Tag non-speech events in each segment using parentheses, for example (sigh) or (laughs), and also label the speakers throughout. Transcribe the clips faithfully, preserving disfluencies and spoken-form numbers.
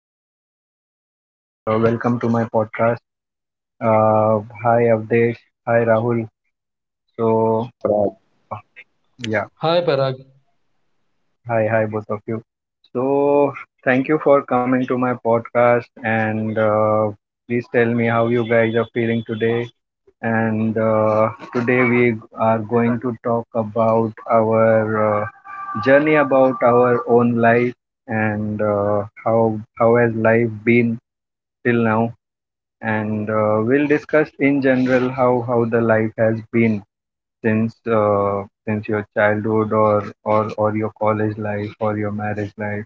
Speaker 1: my name is Parag and uh, welcome to my podcast. Uh, Hi Avdesh, hi Rahul. So
Speaker 2: Hello, Parag.
Speaker 1: yeah,
Speaker 3: Hi, Parag.
Speaker 1: hi, hi both of you. So thank you for coming to my podcast and uh, please tell me how you guys are feeling today. And uh, today we are going to talk about our uh, journey about our own life and uh, how how has life been till now, and uh, we'll discuss in general how how the life has been since uh, since your childhood or or or your college life or your marriage life.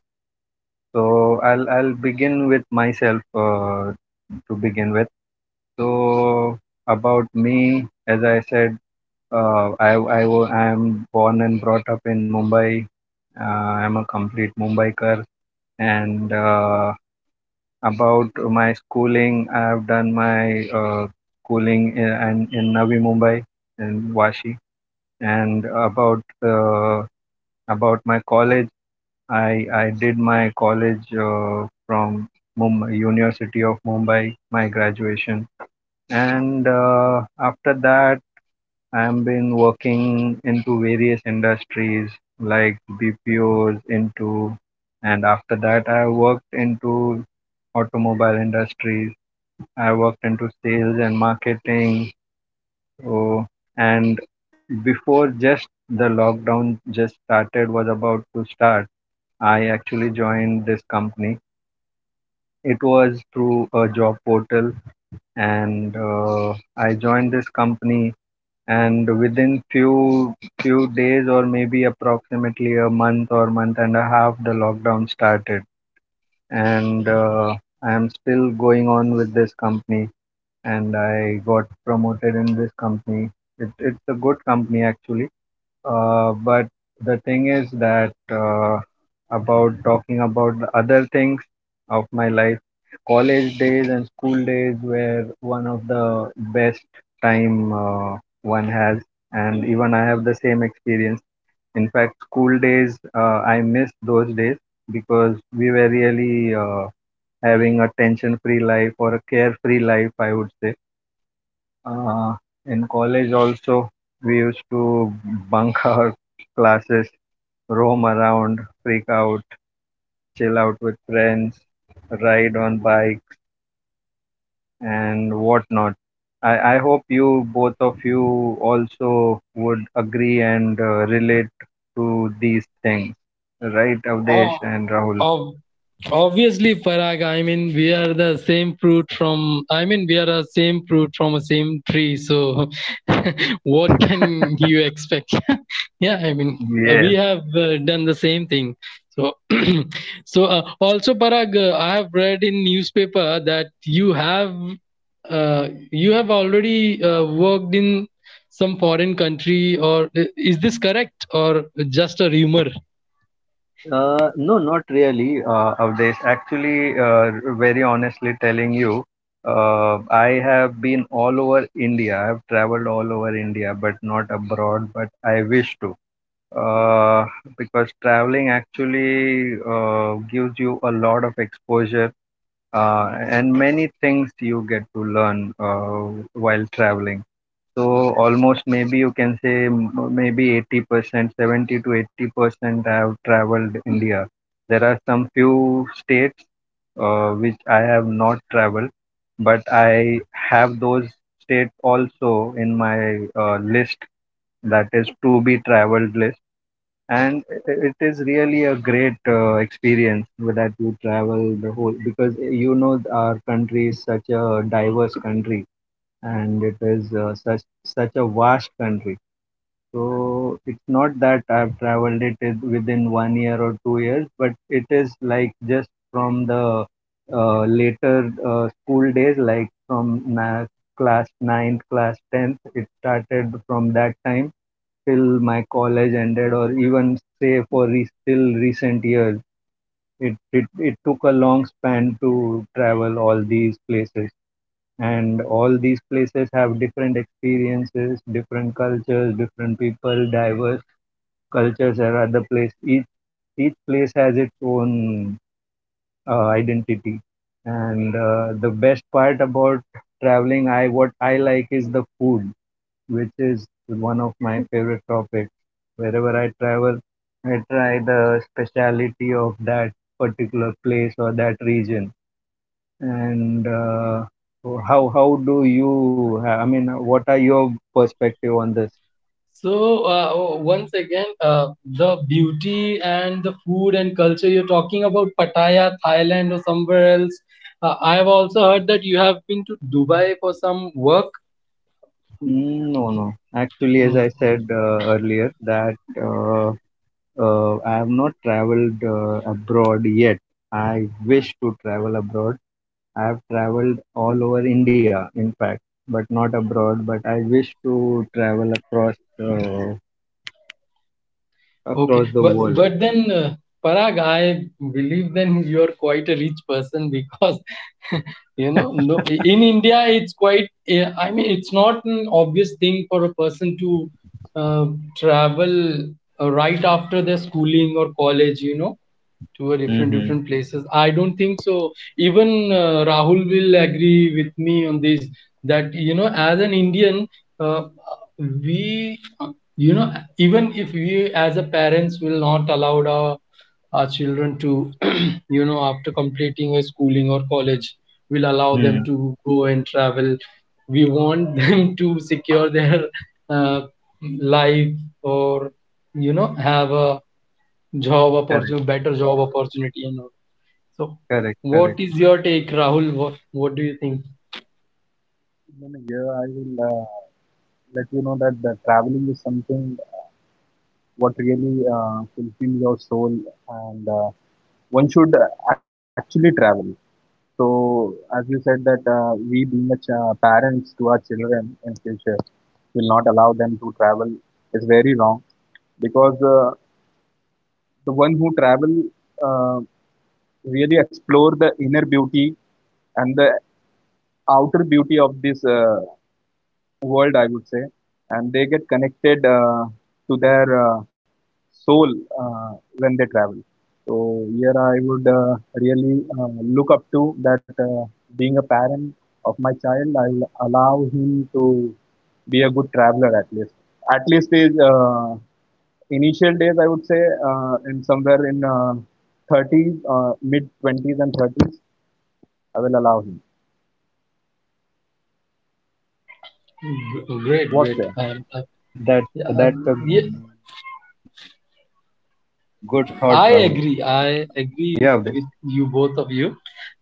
Speaker 1: So I'll I'll begin with myself uh, to begin with. So about me, as I said, uh, I I wa- I am born and brought up in Mumbai. Uh, I'm a complete Mumbaikar and. Uh, About my schooling. I have done my uh, schooling in, and in Navi Mumbai in Vashi, and about uh, about my college. I I did my college uh, from Mumbai, University of Mumbai, my graduation, and uh, after that. I have been working into various industries like B P Os into, and after that I worked into automobile industries I worked into sales and marketing. Oh, and before just the lockdown just started was about to start, I actually joined this company. It was through a job portal, and uh, I joined this company. And within few few days, or maybe approximately a month or month and a half, the lockdown started, and uh, I am still going on with this company and I got promoted in this company. It, it's a good company actually. Uh, but the thing is that uh, about talking about the other things of my life, college days and school days were one of the best time uh, one has, and even I have the same experience. In fact, school days uh, I miss those days because we were really uh, having a tension-free life or a carefree life, I would say uh, in college also, we used to bunk (laughs) our classes, roam around, freak out, chill out with friends, ride on bikes, and whatnot. I, I hope you, both of you, also would agree and uh, relate to these things. Right, Avdesh
Speaker 3: Oh,
Speaker 1: and Rahul?
Speaker 3: ob- obviously, Parag. I mean, we are the same fruit from. I mean, we are the same fruit from a same tree. So, (laughs) what can you expect? (laughs) yeah, I mean, uh, we
Speaker 1: Yes.
Speaker 3: have uh, done the same thing. So, (clears throat) so uh, also, Parag, uh, I have read in newspaper that you have uh, you have already uh, worked in some foreign country, or i- is this correct, or just a rumor?
Speaker 1: Uh, no, not really, uh, Avdesh. Actually, uh, very honestly telling you, uh, I have been all over India. I've traveled all over India, but not abroad, but I wish to. Uh, because traveling actually uh, gives you a lot of exposure uh, and many things you get to learn uh, while traveling. So almost maybe you can say m- maybe eighty percent, seventy to eighty percent I have traveled India. There are some few states uh, which I have not traveled, but I have those states also in my uh, list that is to be traveled list. And i- i- it is really a great uh, experience that you travel the whole because you know our country is such a diverse country and it is uh, such such a vast country. So it's not that I've traveled it in- within one year or two years, but it is like just from the uh, later uh, school days, like from na- class ninth, class tenth. It started from that time till my college ended, or even say for re- still recent years. It, it, it took a long span to travel all these places and all these places have different experiences, different cultures, different people, diverse cultures are at the place, each each place has its own uh, identity and uh, the best part about traveling I what I like is the food, which is one of my favorite topics. Wherever I travel, I try the speciality of that particular place or that region, and uh, how how do you? I mean, what are your perspective on this?
Speaker 3: So, uh, oh, once again, uh, the beauty and the food and culture you're talking about Pattaya, Thailand, or somewhere else. Uh, I've also heard that you have been to Dubai for some work. Mm,
Speaker 1: Mm, no, no. Actually, as
Speaker 3: mm.
Speaker 1: I said uh, earlier, that uh, uh, I have not traveled uh, abroad yet. I wish to travel abroad. I have traveled all over India, in fact, but not abroad. But I wish to travel across uh,
Speaker 3: Okay.
Speaker 1: across the
Speaker 3: But
Speaker 1: world.
Speaker 3: but then, uh, Parag, I believe then you are quite a rich person, because (laughs) you know, no, in India it's quite. eh, I mean, it's not an obvious thing for a person to uh, travel uh, right after their schooling or college. You know, to a different different
Speaker 1: Mm-hmm.
Speaker 3: places, I don't think so. Even uh, Rahul will agree with me on this, that you know as an Indian, uh, we, you know even if we as a parents will not allow our our children to, (clears throat) you know after completing a schooling or college, will allow them
Speaker 1: Mm,
Speaker 3: to go and travel. We want (laughs) them to secure their uh, life, or, you know have a job opportunity,
Speaker 1: correct,
Speaker 3: better job opportunity and all. So,
Speaker 1: correct,
Speaker 3: what is
Speaker 1: correct.
Speaker 3: your take, Rahul? What What do you think?
Speaker 2: No, no, yeah, I will uh, let you know that the traveling is something what really uh, fulfills your soul, and uh, one should actually travel. So, as you said that uh, we being a ch- uh, parents to our children in future will not allow them to travel is very wrong because uh, the one who travel uh, really explore the inner beauty and the outer beauty of this uh, world, I would say, and they get connected uh, to their uh, soul uh, when they travel. So here I would uh, really uh, look up to that uh, being a parent of my child, I will allow him to be a good traveler at least. At least his uh, initial days, I would say, uh, in somewhere in uh, thirties, uh, mid twenties and thirties, I will allow him.
Speaker 3: G-
Speaker 1: Yeah,
Speaker 3: Great,
Speaker 1: yeah,
Speaker 2: What's
Speaker 3: great.
Speaker 2: there?
Speaker 1: correct. That
Speaker 3: Um, uh,
Speaker 1: that that
Speaker 3: Yeah,
Speaker 1: that's a
Speaker 3: um, yeah,
Speaker 1: g- good thought, Rahul. Yeah, this.
Speaker 3: I agree. I agree with you, both of you,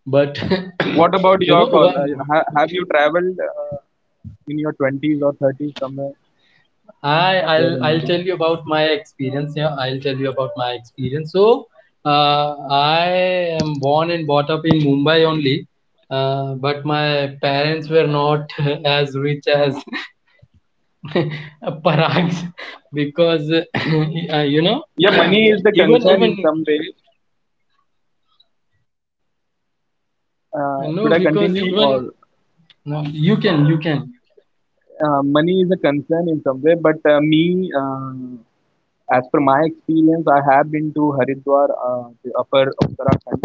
Speaker 3: but (coughs)
Speaker 2: What about
Speaker 3: (clears throat) you
Speaker 2: your
Speaker 3: know,
Speaker 2: call? Uh,
Speaker 3: one.
Speaker 2: ha- have you traveled? Uh, in your twenties or thirties somewhere
Speaker 3: I
Speaker 2: here in
Speaker 3: I'll I'll
Speaker 2: India.
Speaker 3: tell you about my experience. Yeah, I'll tell you about my experience. So, uh, I am born and brought up in Mumbai only, uh, but my parents were not (laughs) as rich as (laughs) Parag's, because uh, (laughs) you know
Speaker 2: Yeah, money is the
Speaker 3: (clears throat) even
Speaker 2: concern
Speaker 3: even
Speaker 2: in some way. Uh, should I
Speaker 3: no,
Speaker 2: continue,
Speaker 3: because
Speaker 2: or
Speaker 3: even no, you can, you can
Speaker 2: uh, money is a concern in some way? But uh, me, uh, as per my experience, I have been to Haridwar, uh, the upper Uttarakhand,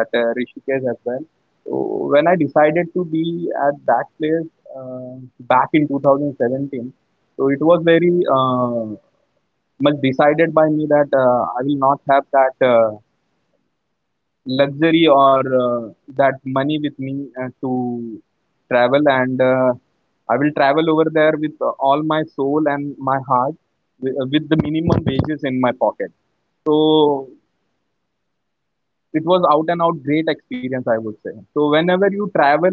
Speaker 2: at uh, Rishikesh as well. So when I decided to be at that place, uh, back in two thousand seventeen, so it was very uh, much decided by me that uh, I will not have that uh, luxury or uh, that money with me uh, to travel, and uh, I will travel over there with uh, all my soul and my heart, with, uh, with the minimum wages in my pocket. So it was out and out great experience, I would say. So whenever you travel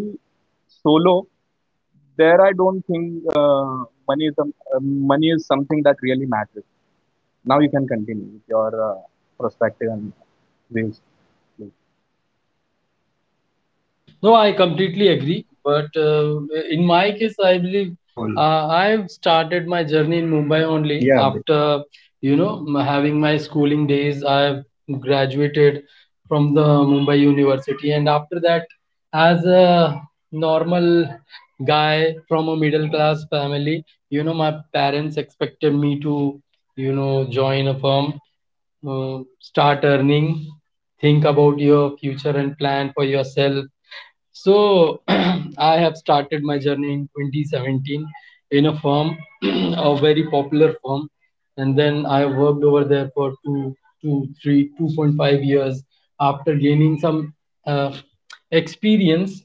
Speaker 2: solo there, I don't think uh, money is um, uh, money is something that really matters. Now you can continue with your uh, perspective and views.
Speaker 3: No, I
Speaker 1: Hmm.
Speaker 3: completely
Speaker 1: Yeah,
Speaker 3: agree. But,
Speaker 1: correctly said
Speaker 3: uh,
Speaker 1: by
Speaker 3: in my
Speaker 1: Rahul.
Speaker 3: case, I believe uh, I've
Speaker 1: Yeah, this.
Speaker 3: started my journey in Mumbai only after, you know, m- having my schooling days. I've graduated from the Mumbai University. And after that, as a normal guy from a middle class family, you know, my parents expected me to, you know, join a firm, uh, start earning, think about your future and plan for yourself. So (clears throat) I have started my journey in twenty seventeen in a firm, (clears throat) a very popular firm, and then I worked over there for two, two, three, two point five years. After gaining some uh, experience,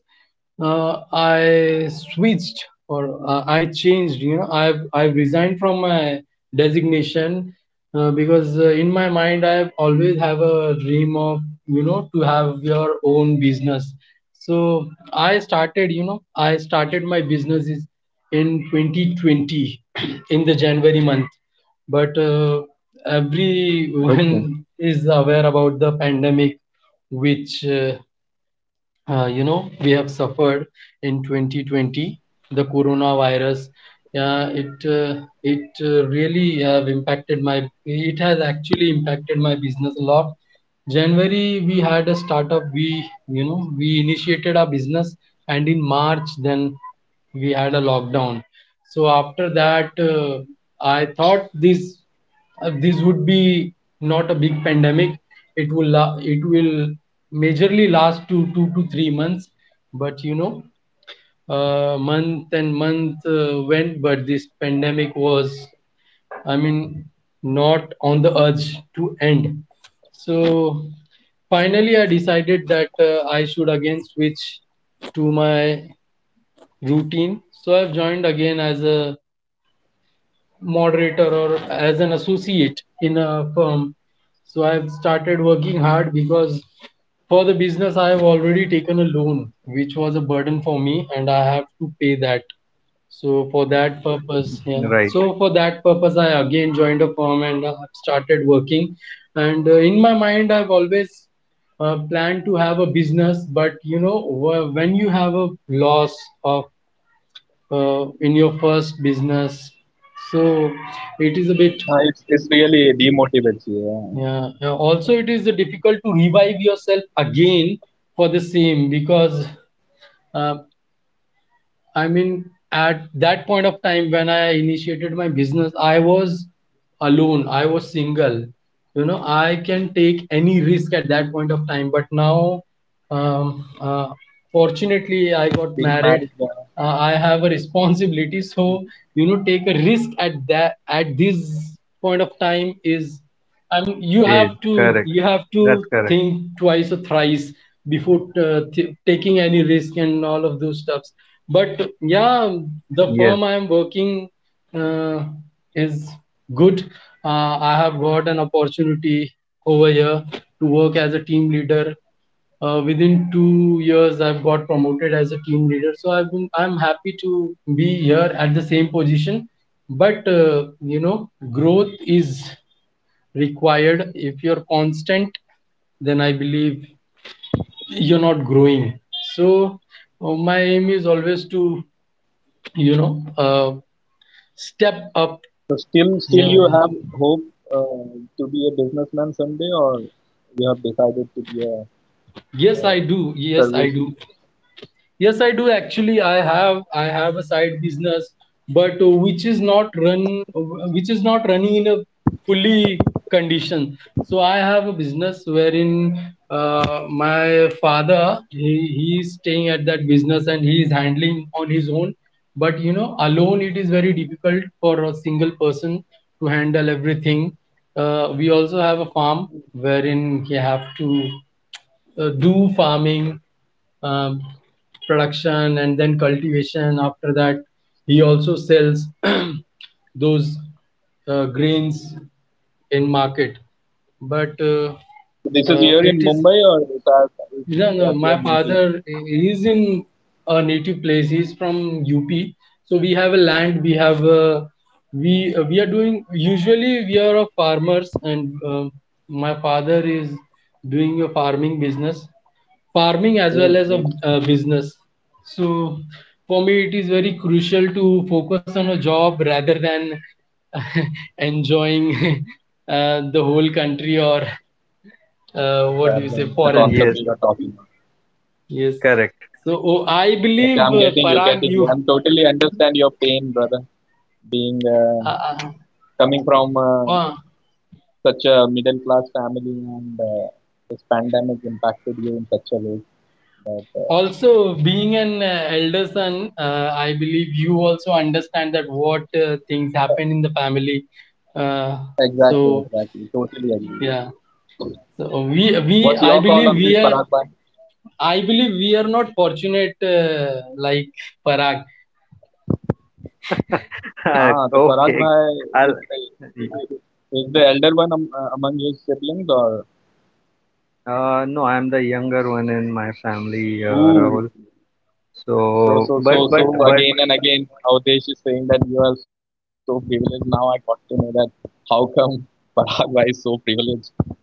Speaker 3: uh, I switched, or uh, I changed. You know, I've I've resigned from my designation, uh, because uh, in my mind I've always have a dream of, you know to have your own business. So I started. You know, I started my business is in twenty twenty, (clears throat) in the January month. But, uh,
Speaker 1: Okay.
Speaker 3: everyone (laughs) is aware about the pandemic, which uh, uh, you know we have suffered in twenty twenty, the coronavirus. Yeah, it, uh, it uh, really have impacted my it has actually impacted my business a lot. January we had a startup, we you know we initiated our business, and in March then we had a lockdown. So after that, uh, I thought this, uh, this would be not a big pandemic. It will la- it will majorly last to two to three months, but, you know, uh, month and month uh, went, but this pandemic was, I mean, not on the urge to end. So finally, I decided that, uh, I should again switch to my routine. So I've joined again as a moderator or as an associate in a firm. So I've started working hard, because for the business, I have already taken a loan, which was a burden for me, and I have to pay that. So for
Speaker 1: Right.
Speaker 3: that purpose, yeah. So for that purpose, I again joined a firm, and I've started working. And uh, in my mind, I've always uh, planned to have a business, but, you know, wh- when you have a loss of, uh, in your first business. So it is a bit,
Speaker 2: Uh, it's, it's really demotivates you. Yeah.
Speaker 3: yeah. uh, Also, it is difficult to revive yourself again for the same, because uh, I mean, at that point of time when I initiated my business, I was alone, I was single. You know, I can take any risk at that point of time. But now, um, uh, fortunately, I got
Speaker 2: Being
Speaker 3: married.
Speaker 2: a married guy.
Speaker 3: Uh, I have a responsibility, so, you know, take a risk at that at this point of time is,
Speaker 1: Stage.
Speaker 3: and
Speaker 1: Correct.
Speaker 3: you have to,
Speaker 1: That's correct.
Speaker 3: you have to think twice or thrice before uh, th- taking any risk and all of those stuffs. But yeah,
Speaker 1: Yes.
Speaker 3: the firm I am working, uh, is good. uh, I have got an opportunity over here to work as a team leader. Uh, within two years I've got promoted as a team leader, so i've been i'm happy to be here at the same position. But, uh, you know growth is required. If you're constant, then I believe you're not growing. So uh, my aim is always to, you know, uh, step up.
Speaker 2: So still, still
Speaker 3: Yeah,
Speaker 2: you
Speaker 3: yeah.
Speaker 2: have hope uh, to be a businessman someday, or you have decided to be a,
Speaker 3: Yes, I
Speaker 2: uh
Speaker 3: do. Yes, I
Speaker 2: service?
Speaker 3: do. Yes, I do actually. I have I have a side business, but, uh, which is not run which is not running in a fully condition. So I have a business, wherein uh, my father, he, he is staying at that business and he is handling on his own. But, you know, alone it is very difficult for a single person to handle everything. Uh, we also have a farm, wherein he have to uh, do farming, um, production, and then cultivation. After that, he also sells (clears throat) those uh, grains in market. But uh,
Speaker 2: So this is
Speaker 3: uh,
Speaker 2: here
Speaker 3: it
Speaker 2: in
Speaker 3: is
Speaker 2: Mumbai, or is that is,
Speaker 3: you know
Speaker 2: is
Speaker 3: no,
Speaker 2: that
Speaker 3: my
Speaker 2: your native?
Speaker 3: father is in a native place. He's from U P, so we have a land. We have uh, we uh, we are doing usually We are of farmers, and uh, my father is doing a farming business, farming as
Speaker 2: Great,
Speaker 3: well as
Speaker 2: great.
Speaker 3: a, a business. So for me, it is very crucial to focus on a job rather than (laughs) enjoying (laughs) uh, the whole country, or, uh,
Speaker 2: The
Speaker 3: what do you say,
Speaker 2: traveling,
Speaker 1: Yes.
Speaker 2: the
Speaker 3: foreign.
Speaker 2: concept we are talking about.
Speaker 3: Yes.
Speaker 1: Correct.
Speaker 3: So, oh, I
Speaker 2: Okay,
Speaker 3: believe,
Speaker 2: I'm
Speaker 3: uh,
Speaker 2: getting you,
Speaker 3: Parag,
Speaker 2: getting
Speaker 3: you,
Speaker 2: you. I'm totally understand your pain, brother. Being uh,
Speaker 3: uh,
Speaker 2: coming from uh,
Speaker 3: uh, uh,
Speaker 2: such a middle class family, and uh, this pandemic impacted you in such a way.
Speaker 3: also being an uh, elder son, uh, I believe you also understand that what uh, things happen in the family. Uh,
Speaker 2: Exactly,
Speaker 3: so,
Speaker 2: exactly. Totally agree.
Speaker 3: yeah. So we we
Speaker 2: What's
Speaker 3: I
Speaker 2: your
Speaker 3: believe
Speaker 2: call on
Speaker 3: we
Speaker 2: this,
Speaker 3: are,
Speaker 2: Parag?
Speaker 3: I believe we are not fortunate uh, like Parag.
Speaker 1: (laughs) Uh,
Speaker 2: Ah, the Farag,
Speaker 1: okay.
Speaker 2: Bhai
Speaker 1: I'll.
Speaker 2: is, is the elder one am, uh, among his siblings, or
Speaker 1: Uh, no, I'm the younger one in my family, uh,
Speaker 2: ooh,
Speaker 1: Rahul.
Speaker 2: so
Speaker 1: So,
Speaker 2: so so
Speaker 1: but
Speaker 2: so
Speaker 1: but but.
Speaker 2: again and again, Avdesh is saying that you are so privileged. Now I got to know that how come Parag Bhai is so privileged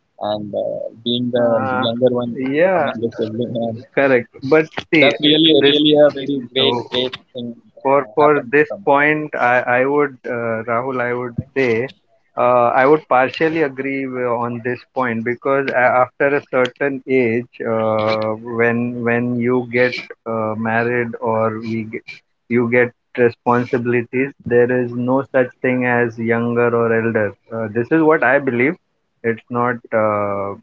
Speaker 2: and uh, being the
Speaker 1: Uh,
Speaker 2: younger one among
Speaker 1: yeah,
Speaker 2: the siblings, and
Speaker 1: correct. But see,
Speaker 2: that's really
Speaker 1: this.
Speaker 2: really a very great
Speaker 1: Oh,
Speaker 2: great thing uh,
Speaker 1: for for
Speaker 2: happened to
Speaker 1: this
Speaker 2: someone.
Speaker 1: point, I I would uh, Rahul, I would say uh, I would partially agree wi- on this point because a- after a certain age, uh, when when you get uh, married or we get, you get responsibilities, there is no such thing as younger or elder. Uh, this is what I believe. It's not uh,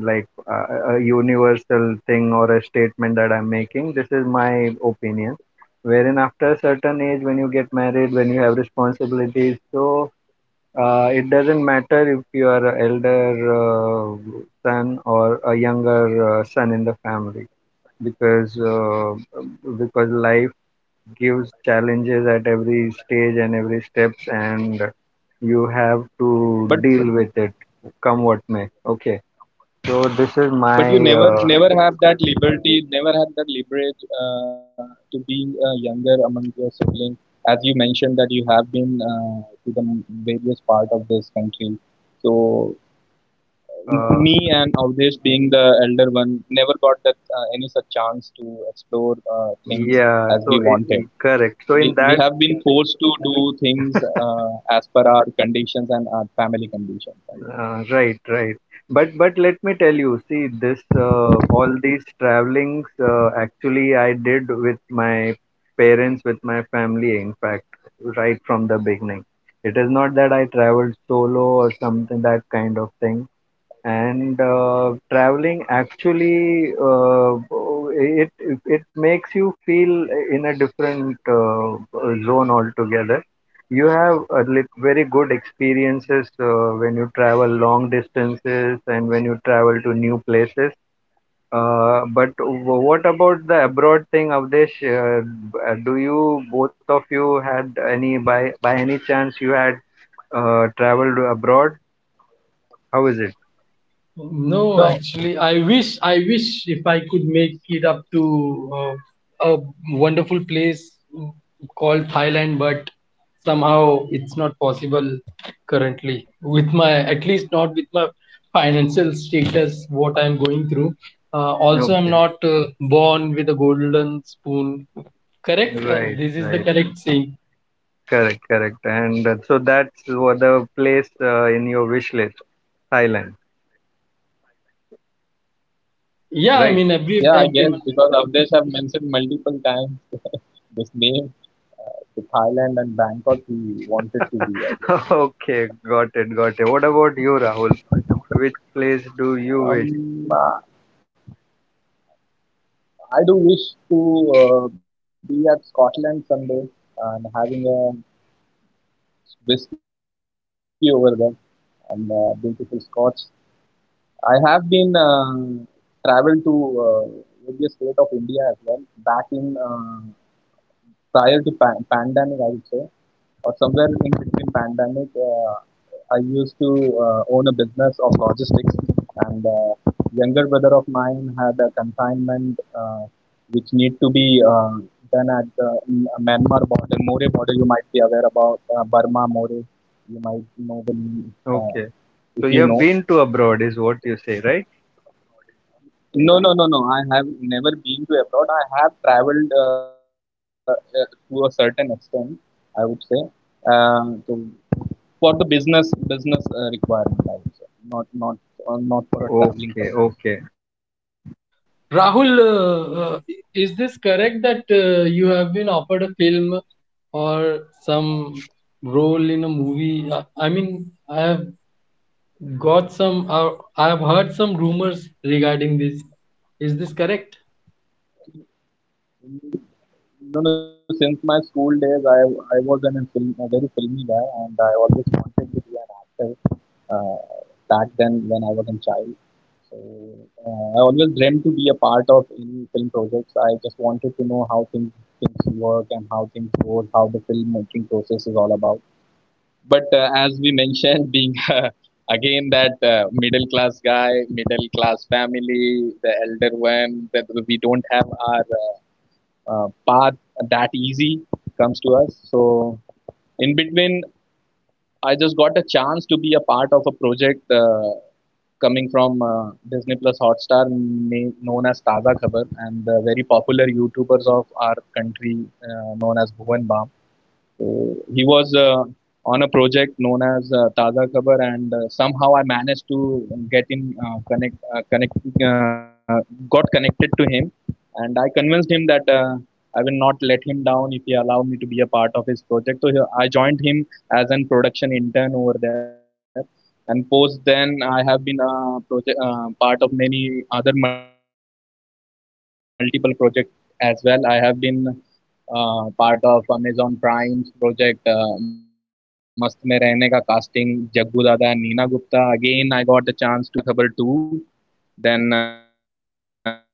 Speaker 1: like a, a universal thing or a statement that I'm making. This is my opinion wherein after a certain age when you get married when you have responsibilities so uh, it doesn't matter if you are an elder uh, son or a younger uh, son in the family because uh, because life gives challenges at every stage and every steps and you have to
Speaker 2: But
Speaker 1: deal with it come what may, okay, so this is
Speaker 2: but you
Speaker 1: my
Speaker 2: never
Speaker 1: uh,
Speaker 2: never have that liberty, never had that leverage uh, to being uh, younger among your siblings, as you mentioned that you have been uh, to the various part of this country. So
Speaker 1: uh,
Speaker 2: me and Avdesh being the elder one never got that uh, any such chance to explore uh, things
Speaker 1: yeah
Speaker 2: as we
Speaker 1: so it,
Speaker 2: wanted.
Speaker 1: it- correct so in
Speaker 2: We, we
Speaker 1: that
Speaker 2: have been forced to do things uh, as per our conditions and our family conditions, I would say.
Speaker 1: Uh, right, right. But but let me tell you, see this uh, all these travelings uh, actually I did with my parents, with my family, in fact, right from the beginning. It is not that I traveled solo or something that kind of thing and uh, traveling actually uh, it it makes you feel in a different uh, zone altogether. You have a lit- very good experiences uh, when you travel long distances and when you travel to new places uh, but w- what about the abroad thing, Avdesh? Uh, b- uh, do you, both of you, had any, by by any chance, you had uh, traveled abroad? How is it?
Speaker 2: No,
Speaker 3: No, actually, I wish I wish if I could make it up to uh, a wonderful place called Thailand, but somehow it's not possible currently with my at least not with my financial status what I'm going through. Uh, also, I'm
Speaker 1: Okay,
Speaker 3: not uh, born with a golden spoon. Correct? Uh,
Speaker 1: right,
Speaker 3: this is the
Speaker 1: right.
Speaker 3: correct saying.
Speaker 1: Correct, correct. And uh, so that's what the place uh, in your wish list, Thailand,
Speaker 3: Yeah, I
Speaker 1: right?
Speaker 3: mean, every
Speaker 2: yeah, I guess
Speaker 3: everyone.
Speaker 2: because Avdesh have mentioned multiple times. This name, uh, to Thailand and Bangkok, we wanted to be, I guess.
Speaker 1: (laughs) Okay, got it, got it. What about you, Rahul? Which place do you wish?
Speaker 2: Um, uh, I do wish to uh, be at Scotland someday and having a whiskey over there and uh, beautiful Scotch. I have been uh, traveled to uh, various state of India as well. Back in uh, prior to pan- pandemic, I would say, or somewhere in between pandemic, uh, I used to uh, own a business of logistics, and uh, younger brother of mine had a consignment uh, which need to be uh, done at the in a Myanmar border, More border. You might be aware about uh, Burma More. You might know the
Speaker 1: Okay.
Speaker 2: name,
Speaker 1: So you
Speaker 2: uh,
Speaker 1: have been to
Speaker 2: if you
Speaker 1: abroad
Speaker 2: know.
Speaker 1: is what you say, right?
Speaker 2: No, no, no, no. I have never been to abroad. I have traveled uh, uh, to a certain extent, I would say. Um, so for the business business uh, requirement, I would say, not not uh, not for a traveling
Speaker 1: Okay,
Speaker 2: purpose.
Speaker 1: okay.
Speaker 3: Rahul, uh, uh, is this correct that uh, you have been offered a film, or some role in a movie? Uh, I mean, I have got some. Uh, I have heard some rumors regarding this. Is this correct?
Speaker 2: No, no. Since my school days, I I was an, a, film, a very filmy guy, and I always wanted to be an actor. Uh, back then, when I was a child, so uh, I always dreamt to be a part of any film projects. I just wanted to know how things things and how things go, how the filmmaking process is all about. But uh, as we mentioned, being (laughs) uh, again that uh, middle class guy, middle class family, the elder one, that we don't have our uh, uh, path that easy comes to us. So in between, I just got a chance to be a part of a project uh, coming from uh, Disney Plus Hotstar, na- known as Taza Khabar, and the very popular YouTubers of our country, uh, known as Bhuvan Bam. So he was uh, on a project known as uh, Taza Khabar, and uh, somehow I managed to get in uh, connect uh, connect uh, got connected to him, and I convinced him that uh, I will not let him down if he allow me to be a part of his project. So he, I joined him as an production intern over there. And post then, I have been a project, uh, part of many other multiple projects as well. I have been part of Amazon Prime project Mast Mein Rehne Ka casting Jaggu Dada and Neena Gupta again I got the chance to be with Bhuvan for the very next season of Taaza Khabar two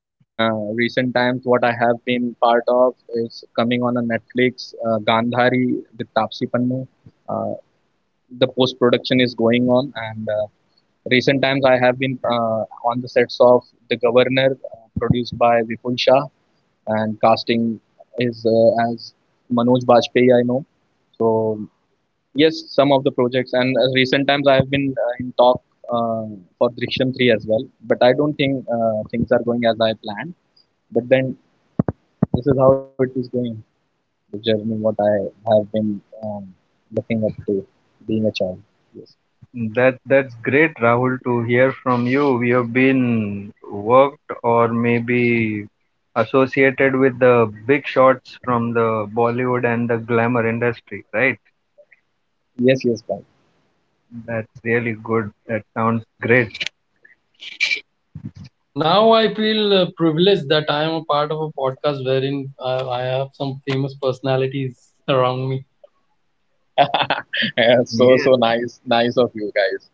Speaker 2: then uh, recent times what I have been part of is coming on a Netflix, uh, Gandhari with Tapsi Pannu. uh, the post production is going on, and uh, recent times I have been uh, on the sets of The Governor, uh, produced by Vipul Shah, and casting is uh, as Manoj Bajpayee, I know. So yes, some of the projects, and uh, recent times I have been uh, in talk uh, for Drishyam three as well, but I don't think uh, things are going as I planned. But then this is how it is going, the journey what looking up to being a child. Yes,
Speaker 1: That that's great, Rahul, to hear from you. You have been worked or maybe associated with the big shots from the Bollywood and the glamour industry, right?
Speaker 2: yes, yes, guys.
Speaker 1: That's really good. That sounds great.
Speaker 3: Now I feel uh, privileged that I am a part of a podcast, wherein uh, I have some famous personalities around me.
Speaker 2: (laughs) Yeah, so
Speaker 1: Yes,
Speaker 2: so nice, nice of you guys.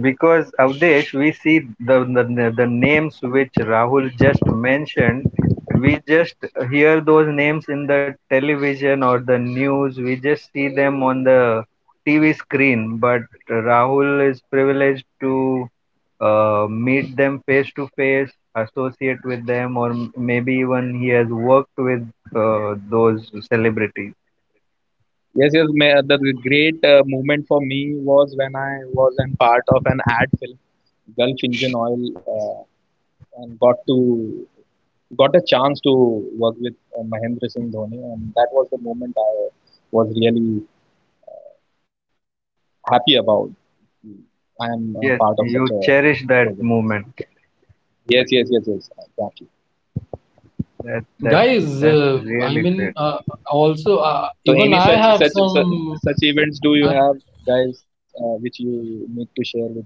Speaker 1: because Avdesh, we see the, the the names which Rahul just mentioned. We just hear those names in the television or the news. We just see them on the T V screen. But Rahul is privileged to uh, meet them face to face, associate with them, or m- maybe even he has worked with uh, those celebrities.
Speaker 2: Yes, yes. ma The great uh, moment for me was when I was in part of an ad film, Gulf Engine Oil, uh, and got to got a chance to work with uh, Mahendra Singh Dhoni, and that was the moment I was really happy about. I am a
Speaker 1: Yes,
Speaker 2: part of
Speaker 1: you
Speaker 2: such a
Speaker 1: cherish that
Speaker 2: project.
Speaker 1: moment.
Speaker 2: Yes, yes, yes, yes. Exactly.
Speaker 1: That that's
Speaker 3: Guys,
Speaker 1: that's
Speaker 3: uh, I
Speaker 1: really
Speaker 3: mean,
Speaker 1: great.
Speaker 3: uh, also, uh,
Speaker 2: So,
Speaker 3: even
Speaker 2: any
Speaker 3: I
Speaker 2: such
Speaker 3: have
Speaker 2: such such,
Speaker 3: some.
Speaker 2: such events do you
Speaker 3: I
Speaker 2: have, guys, uh, which you need to share with us?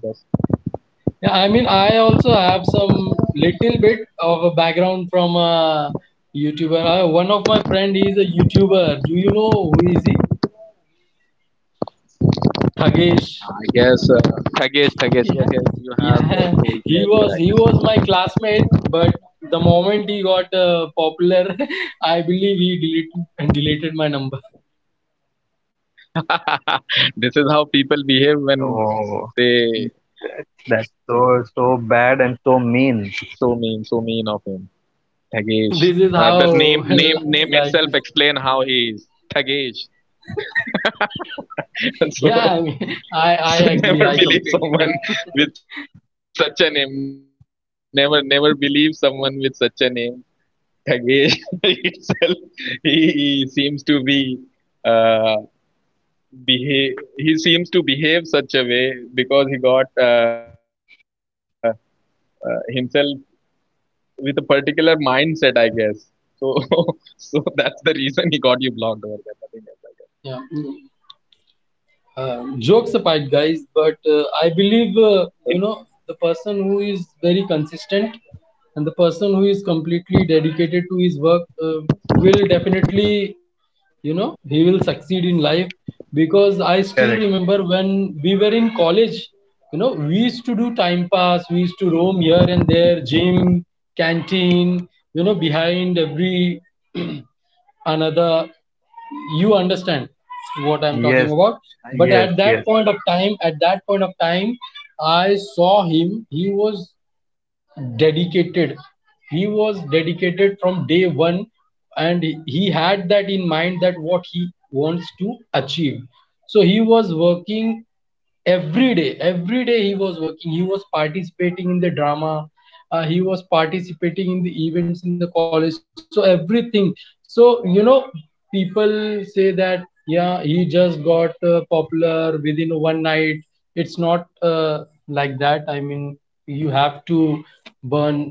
Speaker 3: Yeah, I mean, I also have some little bit of a background from a YouTuber. I, one of my friend is a YouTuber. Do you know who is he? Thagesh.
Speaker 2: I guess uh, Thagesh, Thagesh, yes, yes,
Speaker 3: (laughs) Yeah,
Speaker 2: you have uh,
Speaker 3: yeah.
Speaker 2: told me
Speaker 3: He was he was
Speaker 2: earlier,
Speaker 3: my classmate, but the moment he got uh, popular, (laughs) I believe he deleted and deleted my number.
Speaker 2: I guess. (laughs) This is how people behave when
Speaker 1: Oh,
Speaker 2: they.
Speaker 1: that's so so bad and so mean.
Speaker 2: So mean, so mean of him.
Speaker 3: (laughs)
Speaker 2: Thagesh.
Speaker 3: This is
Speaker 2: Uh, the name,
Speaker 3: how (laughs)
Speaker 2: name, name
Speaker 3: life
Speaker 2: itself
Speaker 3: is.
Speaker 2: explain how he is. Thagesh. (laughs) so,
Speaker 3: Yeah, I mean,
Speaker 2: so
Speaker 3: (laughs) I
Speaker 2: never
Speaker 3: I
Speaker 2: believe
Speaker 3: agree. I
Speaker 2: someone with
Speaker 3: completely
Speaker 2: such a name. Never, never believe someone with such a name. Thagesh (laughs) itself, he, he seems to be uh, behave. He seems to behave such a way because he got. Uh, uh, himself with a particular mindset, I guess. So, (laughs) so that's the reason he got you blocked over there. Nothing else. I
Speaker 3: agree. Yeah.
Speaker 2: guess.
Speaker 3: Uh, jokes apart, guys, but
Speaker 1: That's
Speaker 3: uh, I believe, uh, you know the person who is very consistent and the person who is completely dedicated to his work, uh, will definitely, you know he will succeed in life. Because I still remember
Speaker 1: correct.
Speaker 3: when we were in college, you know we used to do time pass, we used to roam here and there, gym, canteen, you know behind every another, you understand what I'm talking about.
Speaker 1: Yes,
Speaker 3: But at that
Speaker 1: yes,
Speaker 3: point of
Speaker 1: yes.
Speaker 3: time, at that point of time I saw him, he was dedicated he was dedicated from day one. And he had that in mind that what he wants to achieve. So he was working every day, every day he was working he was participating in the drama, uh, he was participating in the events in the college, so everything. So, you know people say that yeah he just got uh, popular within one night. It's not uh, like that, I mean, you have to burn,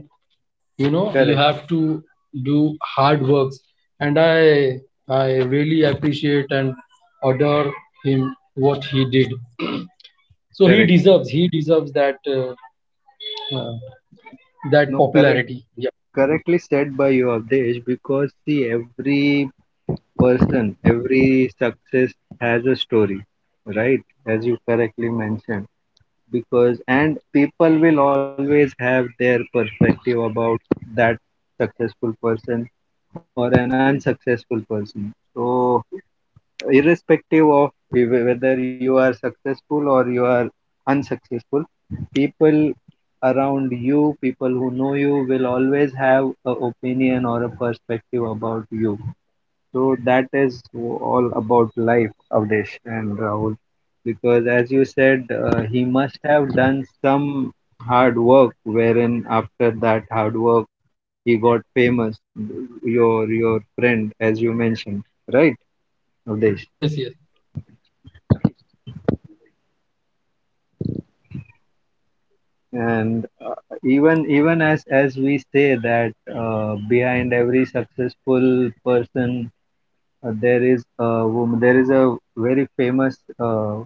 Speaker 3: you know
Speaker 1: Correct,
Speaker 3: you have to do hard works. And i I really appreciate and adore him, what he did.
Speaker 1: correct.
Speaker 3: So, he deserves he deserves that, uh, uh,
Speaker 1: No,
Speaker 3: that
Speaker 1: correct.
Speaker 3: popularity. Yeah.
Speaker 1: Correctly said by you, Abdesh. Because see, every person, every success has a story, right? As you correctly mentioned. Because and people will always have their perspective about that successful person or an unsuccessful person. So irrespective of if- whether you are successful or you are unsuccessful, people around you, people who know you, will always have a opinion or a perspective about you. So that is all about life, Avdesh and Rahul, because as you said uh, he must have done some hard work wherein after that hard work he got famous, your your friend, as you mentioned, right Avdesh?
Speaker 3: Yes, yes.
Speaker 1: And uh, even even as as we say that uh, behind every successful person uh, there is a woman, there is a very famous uh,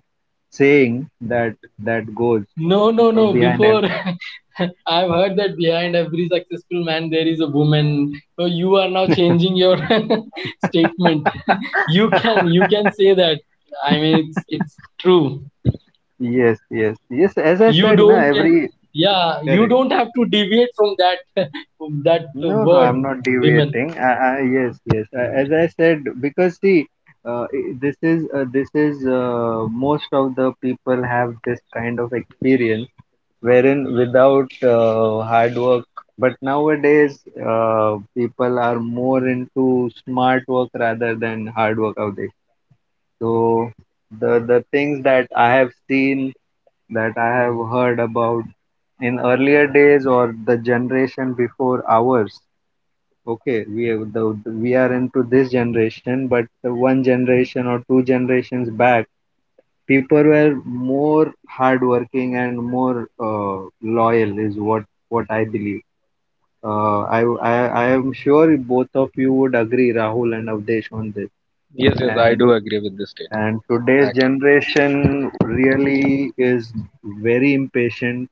Speaker 1: saying that that goes
Speaker 3: No, no, no.
Speaker 1: behind
Speaker 3: Before,
Speaker 1: ev-
Speaker 3: (laughs) I've heard that behind every successful man there is a woman. So you are now changing your (laughs) statement. You
Speaker 1: (laughs)
Speaker 3: can you can say that, I mean, it's it's true.
Speaker 1: Yes, yes, yes. As I
Speaker 3: You
Speaker 1: said, no,
Speaker 3: don't
Speaker 1: every
Speaker 3: Yeah, you
Speaker 1: correct.
Speaker 3: don't have to deviate from that (laughs) that
Speaker 1: No, no,
Speaker 3: word,
Speaker 1: I'm not
Speaker 3: women.
Speaker 1: deviating. I, I, yes, yes. I, as I said, because see, uh, i- this is uh, this is uh, most of the people have this kind of experience wherein without uh, hard work but nowadays uh, people are more into smart work rather than hard work out there. So the the things that I have seen, that I have heard about, in earlier days or the generation before ours, okay we have the, we are into this generation but the one generation or two generations back, people were more hardworking and more uh, loyal is what what I believe. Uh, I, I I am sure both of you would agree, Rahul and Avdesh, on this.
Speaker 2: Yes, yes, I do
Speaker 1: And
Speaker 2: agree with this statement.
Speaker 1: and
Speaker 2: Yes,
Speaker 1: today's
Speaker 2: exactly.
Speaker 1: generation really is very impatient,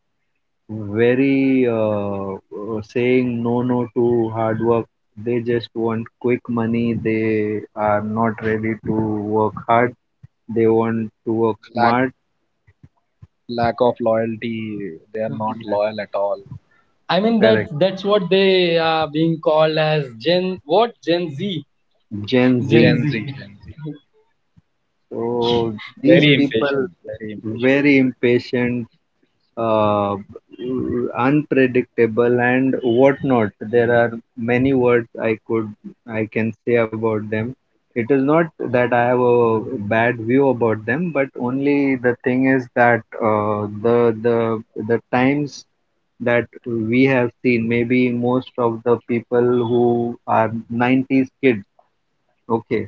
Speaker 1: very uh, uh, saying no no to hard work. They just want quick money. They are not ready to work hard. They want to work
Speaker 2: Lack
Speaker 1: smart.
Speaker 2: lack of loyalty. They are not loyal at all.
Speaker 3: I mean, that
Speaker 1: Correct,
Speaker 3: that's what they are being called as, gen, what, Gen Z,
Speaker 1: Gen
Speaker 3: Gen
Speaker 1: Z.
Speaker 3: Z.
Speaker 2: Gen Z, Gen Z.
Speaker 1: So
Speaker 3: (laughs)
Speaker 1: these
Speaker 3: Yes.
Speaker 2: Very
Speaker 1: people
Speaker 2: impatient. Very
Speaker 1: very
Speaker 2: impatient.
Speaker 1: impatient, uh, unpredictable, and whatnot. There are many words I could I can say about them. It is not that I have a bad view about them, but only the thing is that uh, the the the times that we have seen, maybe most of the people who are nineties kids, okay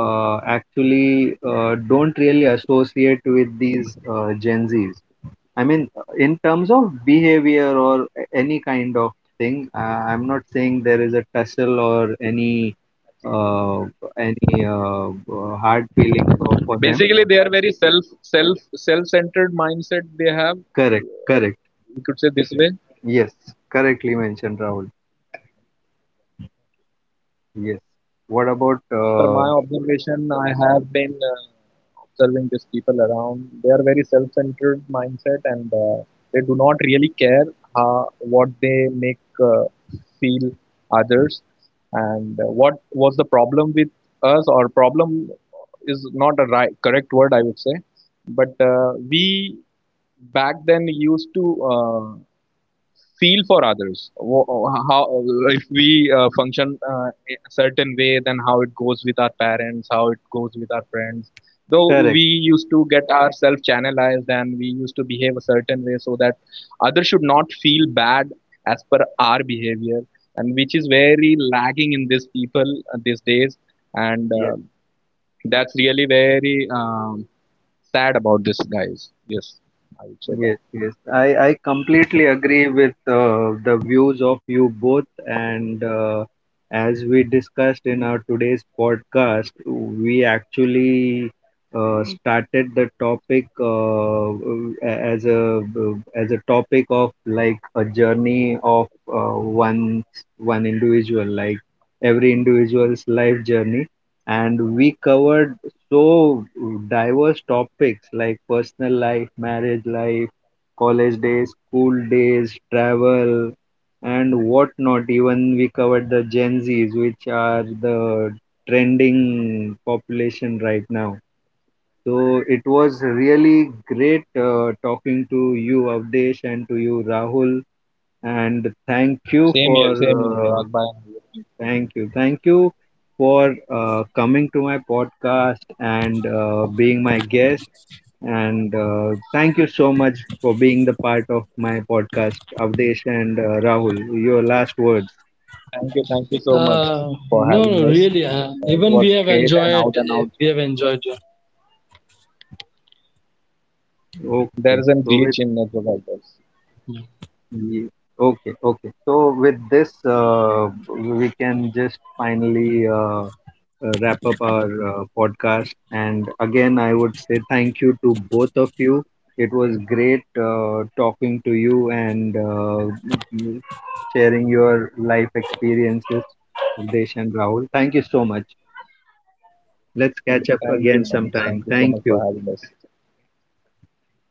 Speaker 1: uh, actually uh, don't really associate with these uh, Gen Zs. I mean, in terms of behavior or a- any kind of thing, uh, I'm not saying there is a tussle or any uh, any uh, uh, hard feelings for for
Speaker 2: Basically,
Speaker 1: them.
Speaker 2: they are very self self self centered mindset. They have.
Speaker 1: Correct, correct.
Speaker 2: We could say this way.
Speaker 1: Yes, correctly mentioned, Rahul. Yes. What about
Speaker 2: As my
Speaker 1: uh,
Speaker 2: observation, I have been uh, observing these people around. They are very self-centered mindset, and uh, they do not really care how, what they make uh, feel others. And uh, what was the problem with us, or problem is not right correct word, I would say. But uh, we back then used to uh, feel for others. Wha- how if we uh, function uh, a certain way, then how it goes with our parents, how it goes with our friends, though we
Speaker 1: correct?
Speaker 2: used to get ourselves channelized and we used to behave a certain way so that others should not feel bad as per our behavior. And which is very lagging in these people uh, these days. And uh,
Speaker 1: Yes.
Speaker 2: that's really very um, sad about this, guys. Yes, I would say that.
Speaker 1: Yes, yes. I, I completely agree with uh, the views of you both. And uh, as we discussed in our today's podcast, we actually uh, started the topic uh, as a as a topic of like a journey of uh, one one individual, like every individual's life journey. And we covered so diverse topics like personal life, marriage life, college days, school days, travel, and whatnot. Even we covered the Gen Zs, which are the trending population right now. So it was really great uh, talking to you, Avdesh, and to you, Rahul. And thank you
Speaker 2: Same here,
Speaker 1: for
Speaker 2: same here, Parag
Speaker 1: uh,
Speaker 2: bhai.
Speaker 1: thank you. Thank you for uh, coming to my podcast and uh, being my guest. And uh, thank you so much for being the part of my podcast, Avdesh and uh, Rahul. Your last words.
Speaker 2: Thank you, thank you so much
Speaker 3: uh
Speaker 2: for having
Speaker 3: no, no,
Speaker 2: us.
Speaker 3: really, uh,
Speaker 2: Uh, it
Speaker 3: even
Speaker 2: was
Speaker 3: we have
Speaker 2: great and out
Speaker 3: enjoyed
Speaker 2: and out.
Speaker 3: we have enjoyed, uh,
Speaker 2: There is a
Speaker 1: Okay. So
Speaker 2: glitch
Speaker 1: with
Speaker 2: in network, I guess.
Speaker 1: ye- okay, okay. So with this, uh, we can just finally uh, uh, wrap up our uh, podcast. And again, I would say thank you to both of you. It was great uh, talking to you and uh, sharing your life experiences, Desh and Rahul. Thank you so much.
Speaker 2: Thank you
Speaker 1: Let's
Speaker 2: so
Speaker 1: catch
Speaker 2: much.
Speaker 1: up
Speaker 2: Thank you
Speaker 1: again
Speaker 2: so much for
Speaker 1: sometime.
Speaker 2: having us.
Speaker 1: Thank you.
Speaker 2: Yes.